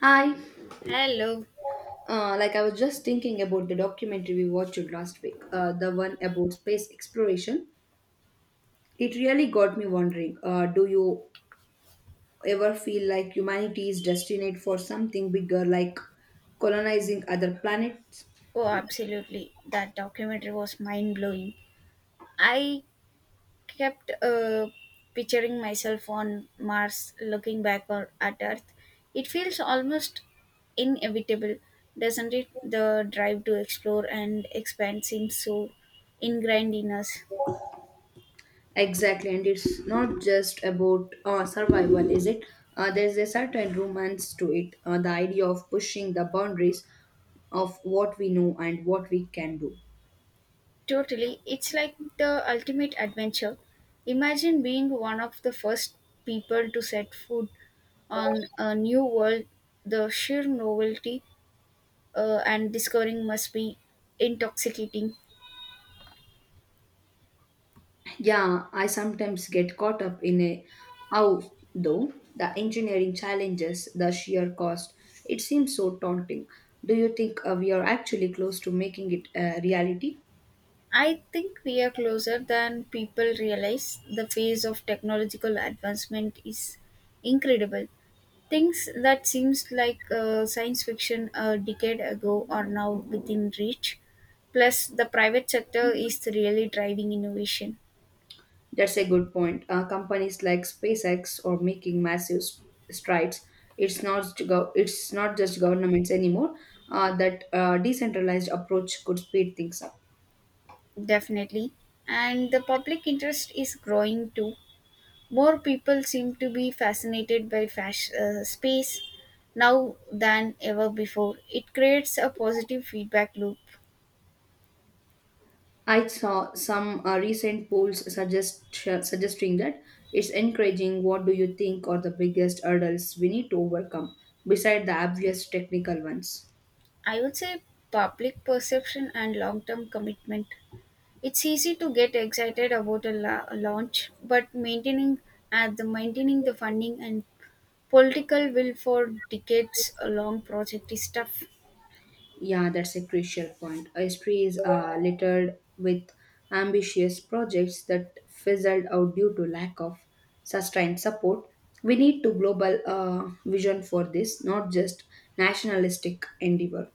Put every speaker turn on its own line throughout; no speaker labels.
Hi.
Hello.
Like I was just thinking about the documentary we watched last week, the one about space exploration. It really got me wondering, do you ever feel like humanity is destined for something bigger, like colonizing other planets?
Oh, absolutely. That documentary was mind blowing. I kept picturing myself on Mars looking back or at Earth. It feels almost inevitable, doesn't it? The drive to explore and expand seems so ingrained in us.
Exactly, and it's not just about survival, is it? There's a certain romance to it, the idea of pushing the boundaries of what we know and what we can do.
Totally. It's like the ultimate adventure. Imagine being one of the first people to set foot on a new world, the sheer novelty and discovering must be intoxicating.
Yeah, I sometimes get caught up in a how though, the engineering challenges, the sheer cost. It seems so daunting. Do you think we are actually close to making it a reality?
I think we are closer than people realize. The phase of technological advancement is incredible. Things that seems like science fiction a decade ago are now within reach. Plus, the private sector is really driving innovation,
That's a good point. Companies like SpaceX are making massive strides. It's not just governments anymore. That decentralized approach could speed things up.
definitely, and the public interest is growing too. More people seem to be fascinated by space now than ever before. It creates a positive feedback loop.
I saw some recent polls suggesting that it's encouraging. What do you think are the biggest hurdles we need to overcome beside the obvious technical ones?
I would say public perception and long term commitment. It's easy to get excited about a launch, but maintaining at the maintaining the funding and political will for decades a long project is tough.
Yeah, that's a crucial point. History is littered with ambitious projects that fizzled out due to lack of sustained support. We need to global vision for this, not just nationalistic endeavor.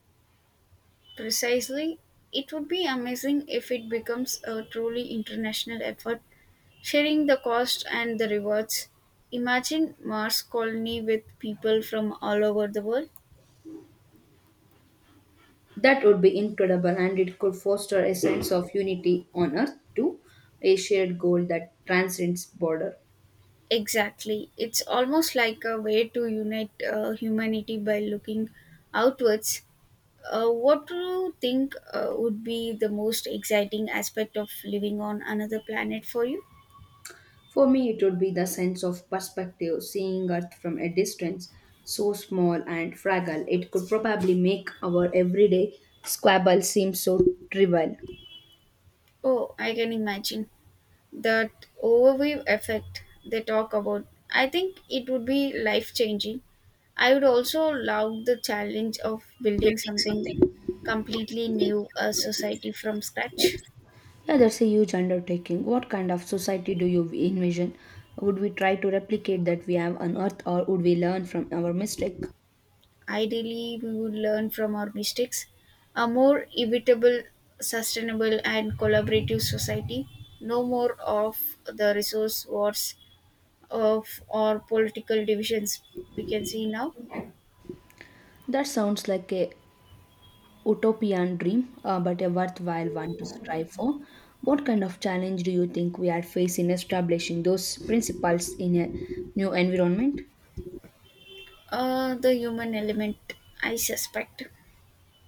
Precisely, it would be amazing if it becomes a truly international effort, sharing the cost and the rewards. Imagine Mars colony with people from all over the world.
That would be incredible, and it could foster a sense of unity on Earth too, a shared goal that transcends border.
Exactly. It's almost like a way to unite humanity by looking outwards. What do you think would be the most exciting aspect of living on another planet for you?
For me, it would be the sense of perspective, seeing Earth from a distance, so small and fragile. It could probably make our everyday squabble seem so trivial.
Oh, I can imagine. That overview effect they talk about, I think it would be life changing. I would also love the challenge of building
Building
something
something.
completely new, a society from scratch.
Yeah, that's a huge undertaking. What kind of society do you envision? Would we try to replicate that we have on Earth, or would we learn from our mistake?
Ideally, we would learn from our mistakes, a more evitable, sustainable and collaborative society, no more of the resource wars of or political divisions we can see now.
That sounds like a utopian dream, but a worthwhile one to strive for. What kind of challenge do you think we are facing establishing those principles in a new environment?
The human element, I suspect.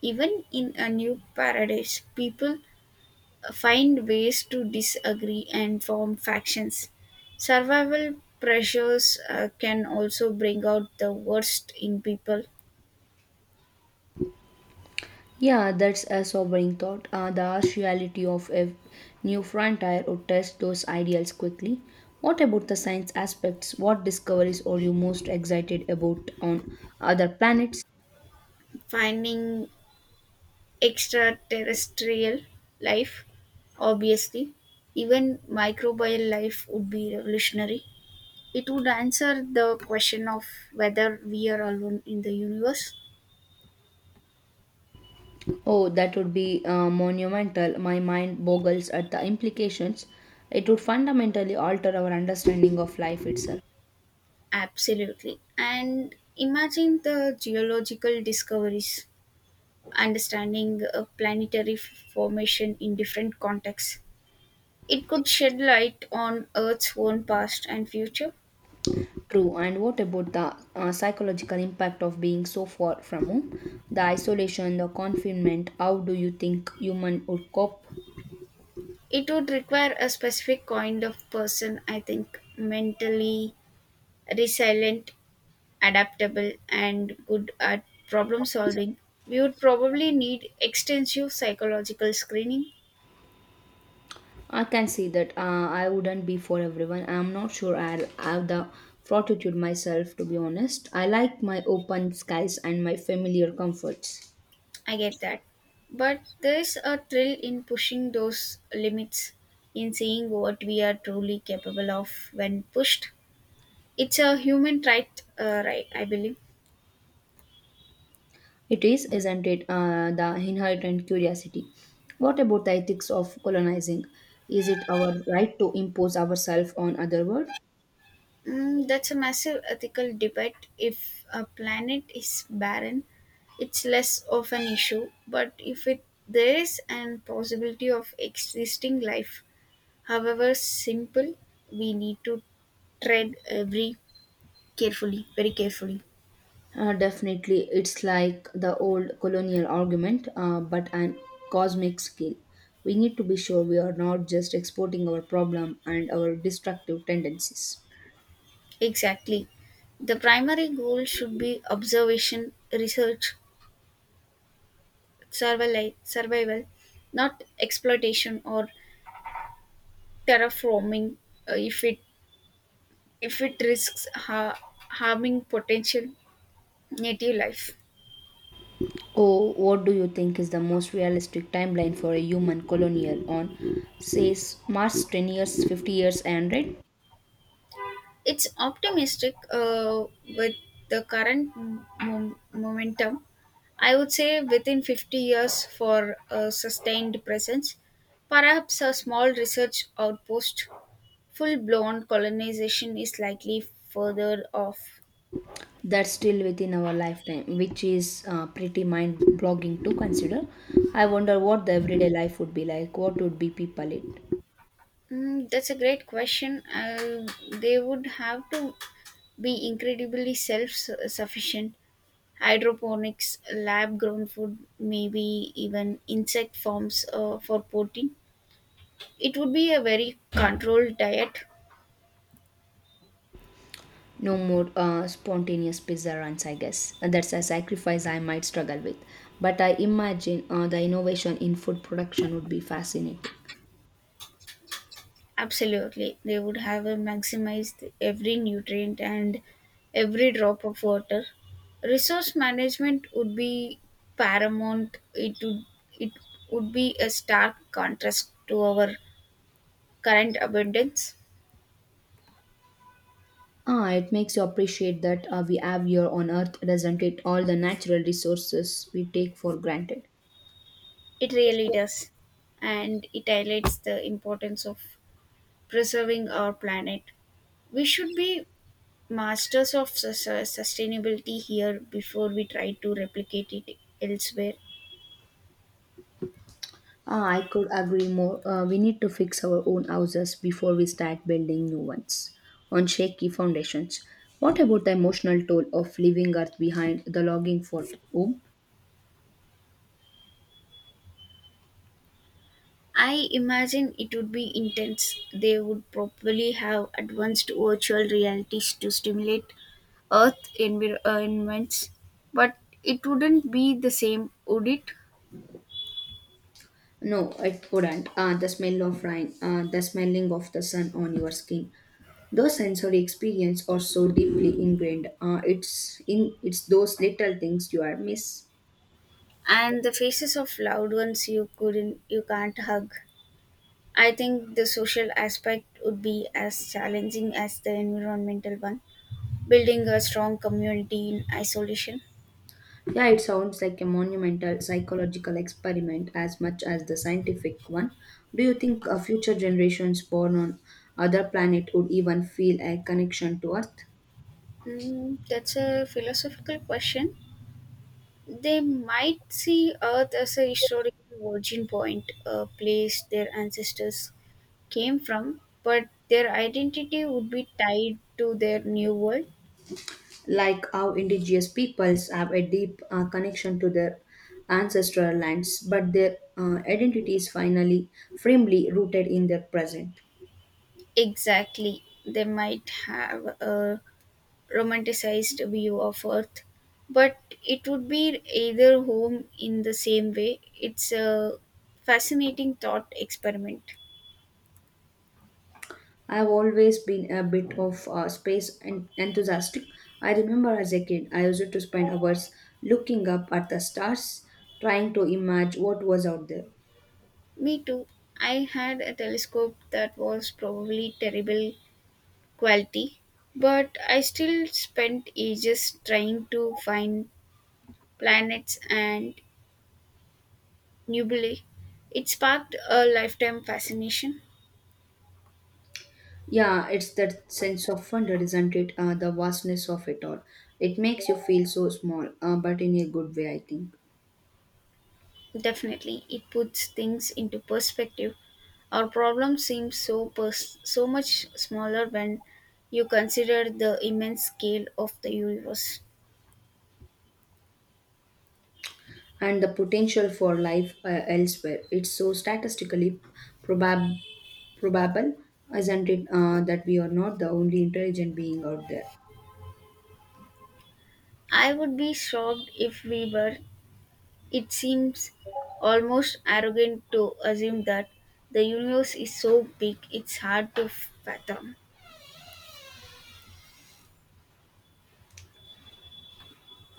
Even in a new paradise, people find ways to disagree and form factions. Survival pressures can also bring out the worst in people.
Yeah, that's a sobering thought. The harsh reality of a new frontier would test those ideals quickly. What about the science aspects? What discoveries are you most excited about on other planets?
Finding extraterrestrial life, obviously, even microbial life would be revolutionary. It would answer the question of whether we are alone in the universe.
Oh, that would be monumental. My mind boggles at the implications. It would fundamentally alter our understanding of life itself.
Absolutely. And imagine the geological discoveries, understanding planetary formation in different contexts. It could shed light on Earth's own past and future.
True, and what about the psychological impact of being so far from home? The isolation, the confinement, how do you think human would cope?
It would require a specific kind of person, I think, mentally resilient, adaptable, and good at problem solving. We would probably need extensive psychological screening.
I can see that. I wouldn't be for everyone. I'm not sure I'll have the fortitude myself, to be honest. I like my open skies and my familiar comforts.
I get that. But there's a thrill in pushing those limits, in seeing what we are truly capable of when pushed. It's a human right, right I believe.
It is, isn't it, the inherent curiosity? What about the ethics of colonizing? Is it our right to impose ourselves on other world?
Mm, that's a massive ethical debate. If a planet is barren, it's less of an issue. But if it there is an possibility of existing life, however simple, we need to tread every carefully, very carefully.
Definitely, it's like the old colonial argument, but an cosmic scale. We need to be sure we are not just exporting our problem and our destructive tendencies.
Exactly. The primary goal should be observation, research, survival, not exploitation or terraforming uh, if it if it risks harming potential native life.
Oh, what do you think is the most realistic timeline for a human colonial on, says Mars, 10 years, 50 years, and right?
It's optimistic with the current momentum. I would say within 50 years for a sustained presence, perhaps a small research outpost. Full blown colonization is likely further off.
That's still within our lifetime, which is pretty mind blogging to consider. I wonder what the everyday life would be like. What would be people eat?
Mm, that's a great question. They would have to be incredibly self sufficient. Hydroponics, lab grown food, maybe even insect farms for protein. It would be a very controlled diet.
No more spontaneous pizza runs, I guess. And that's a sacrifice I might struggle with. But I imagine the innovation in food production would be fascinating.
Absolutely. They would have maximized every nutrient and every drop of water. Resource management would be paramount. It would be a stark contrast to our current abundance.
Ah, it makes you appreciate that we have here on earth, doesn't it? All the natural resources we take for granted.
It really does. And it highlights the importance of preserving our planet. We should be masters of sustainability here before we try to replicate it elsewhere.
Ah, I could agree more. We need to fix our own houses before we start building new ones on shaky foundations. What about the emotional toll of leaving Earth behind, the longing for home?
I imagine it would be intense. They would probably have advanced virtual realities to stimulate environments, but it wouldn't be the same, would it?
No, it wouldn't. Ah, the smell of rain, ah, the smelling of the sun on your skin. Those sensory experiences are so deeply ingrained. Ah, it's those little things you are miss.
And the faces of loved ones you can't hug. I think the social aspect would be as challenging as the environmental one. Building a strong community in isolation.
Yeah, it sounds like a monumental psychological experiment as much as the scientific one. Do you think future generations born on other planet would even feel a connection to Earth?
Mm, that's a philosophical question. They might see Earth as a historical origin point, a place their ancestors came from, but their identity would be tied to their new world.
Like how indigenous peoples have a deep connection to their ancestral lands, but their identity is finally firmly rooted in their present.
Exactly. They might have a romanticized view of Earth, but it would be either home in the same way. It's a fascinating thought experiment.
I've always been a bit of a space enthusiastic. I remember as a kid, I used to spend hours looking up at the stars, trying to imagine what was out there.
Me too. I had a telescope that was probably terrible quality, but I still spent ages trying to find planets and nebulae. It sparked a lifetime fascination.
Yeah, it's that sense of wonder, isn't it? The vastness of it all. It makes you feel so small, but in a good way, I think.
Definitely, it puts things into perspective. Our problem seems so much smaller when you consider the immense scale of the universe.
And the potential for life elsewhere. It's so statistically probab- probable, isn't it, that we are not the only intelligent being out there?
I would be shocked if we were. It seems almost arrogant to assume that. The universe is so big it's hard to fathom.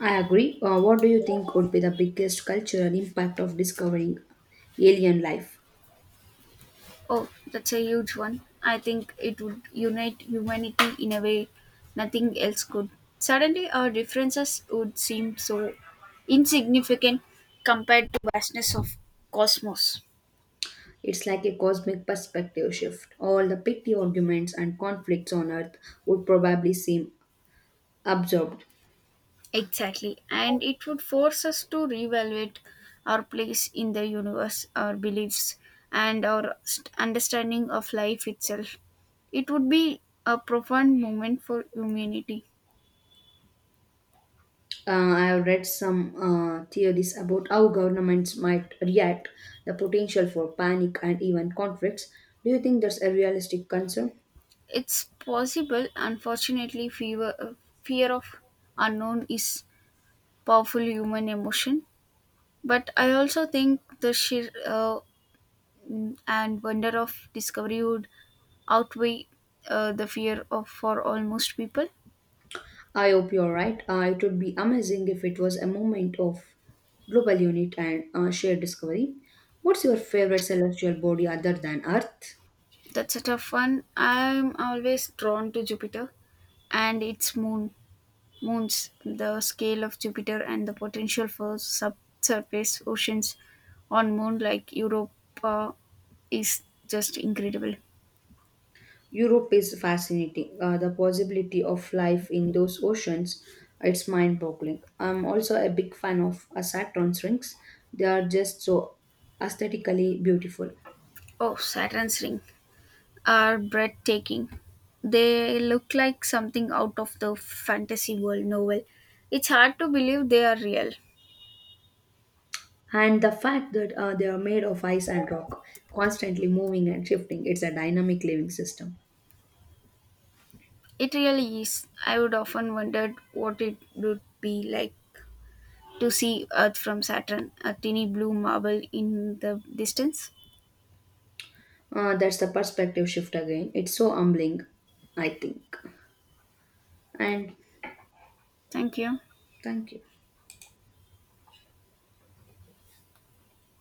I agree. What do you think would be the biggest cultural impact of discovering alien life?
Oh, that's a huge one. I think it would unite humanity in a way nothing else could. Suddenly, our differences would seem so insignificant compared to vastness of cosmos.
It's like a cosmic perspective shift. All the petty arguments and conflicts on Earth would probably seem absorbed.
Exactly. And it would force us to reevaluate our place in the universe, our beliefs, and our understanding of life itself. It would be a profound moment for humanity.
I have read some theories about how governments might react, the potential for panic and even conflicts. Do you think that's a realistic concern?
It's possible, unfortunately, fear of unknown is powerful human emotion. But I also think the sheer and wonder of discovery would outweigh the fear of for almost people.
I hope you're right. It would be amazing if it was a moment of global unity and shared discovery. What's your favorite celestial body other than Earth?
That's a tough one. I'm always drawn to Jupiter and its moons. The scale of Jupiter and the potential for subsurface oceans on moon like Europa is just incredible.
Europe is fascinating. The possibility of life in those oceans, it's mind-boggling. I'm also a big fan of Saturn's rings. They are just so aesthetically beautiful.
Oh, Saturn's ring are breathtaking. They look like something out of the fantasy world novel. It's hard to believe they are real.
And the fact that they are made of ice and rock, constantly moving and shifting, it's a dynamic living system.
It really is. I would often wondered what it would be like to see Earth from Saturn, a tiny blue marble in the distance.
That's the perspective shift again. It's so humbling, I think. And
Thank you.
thank you.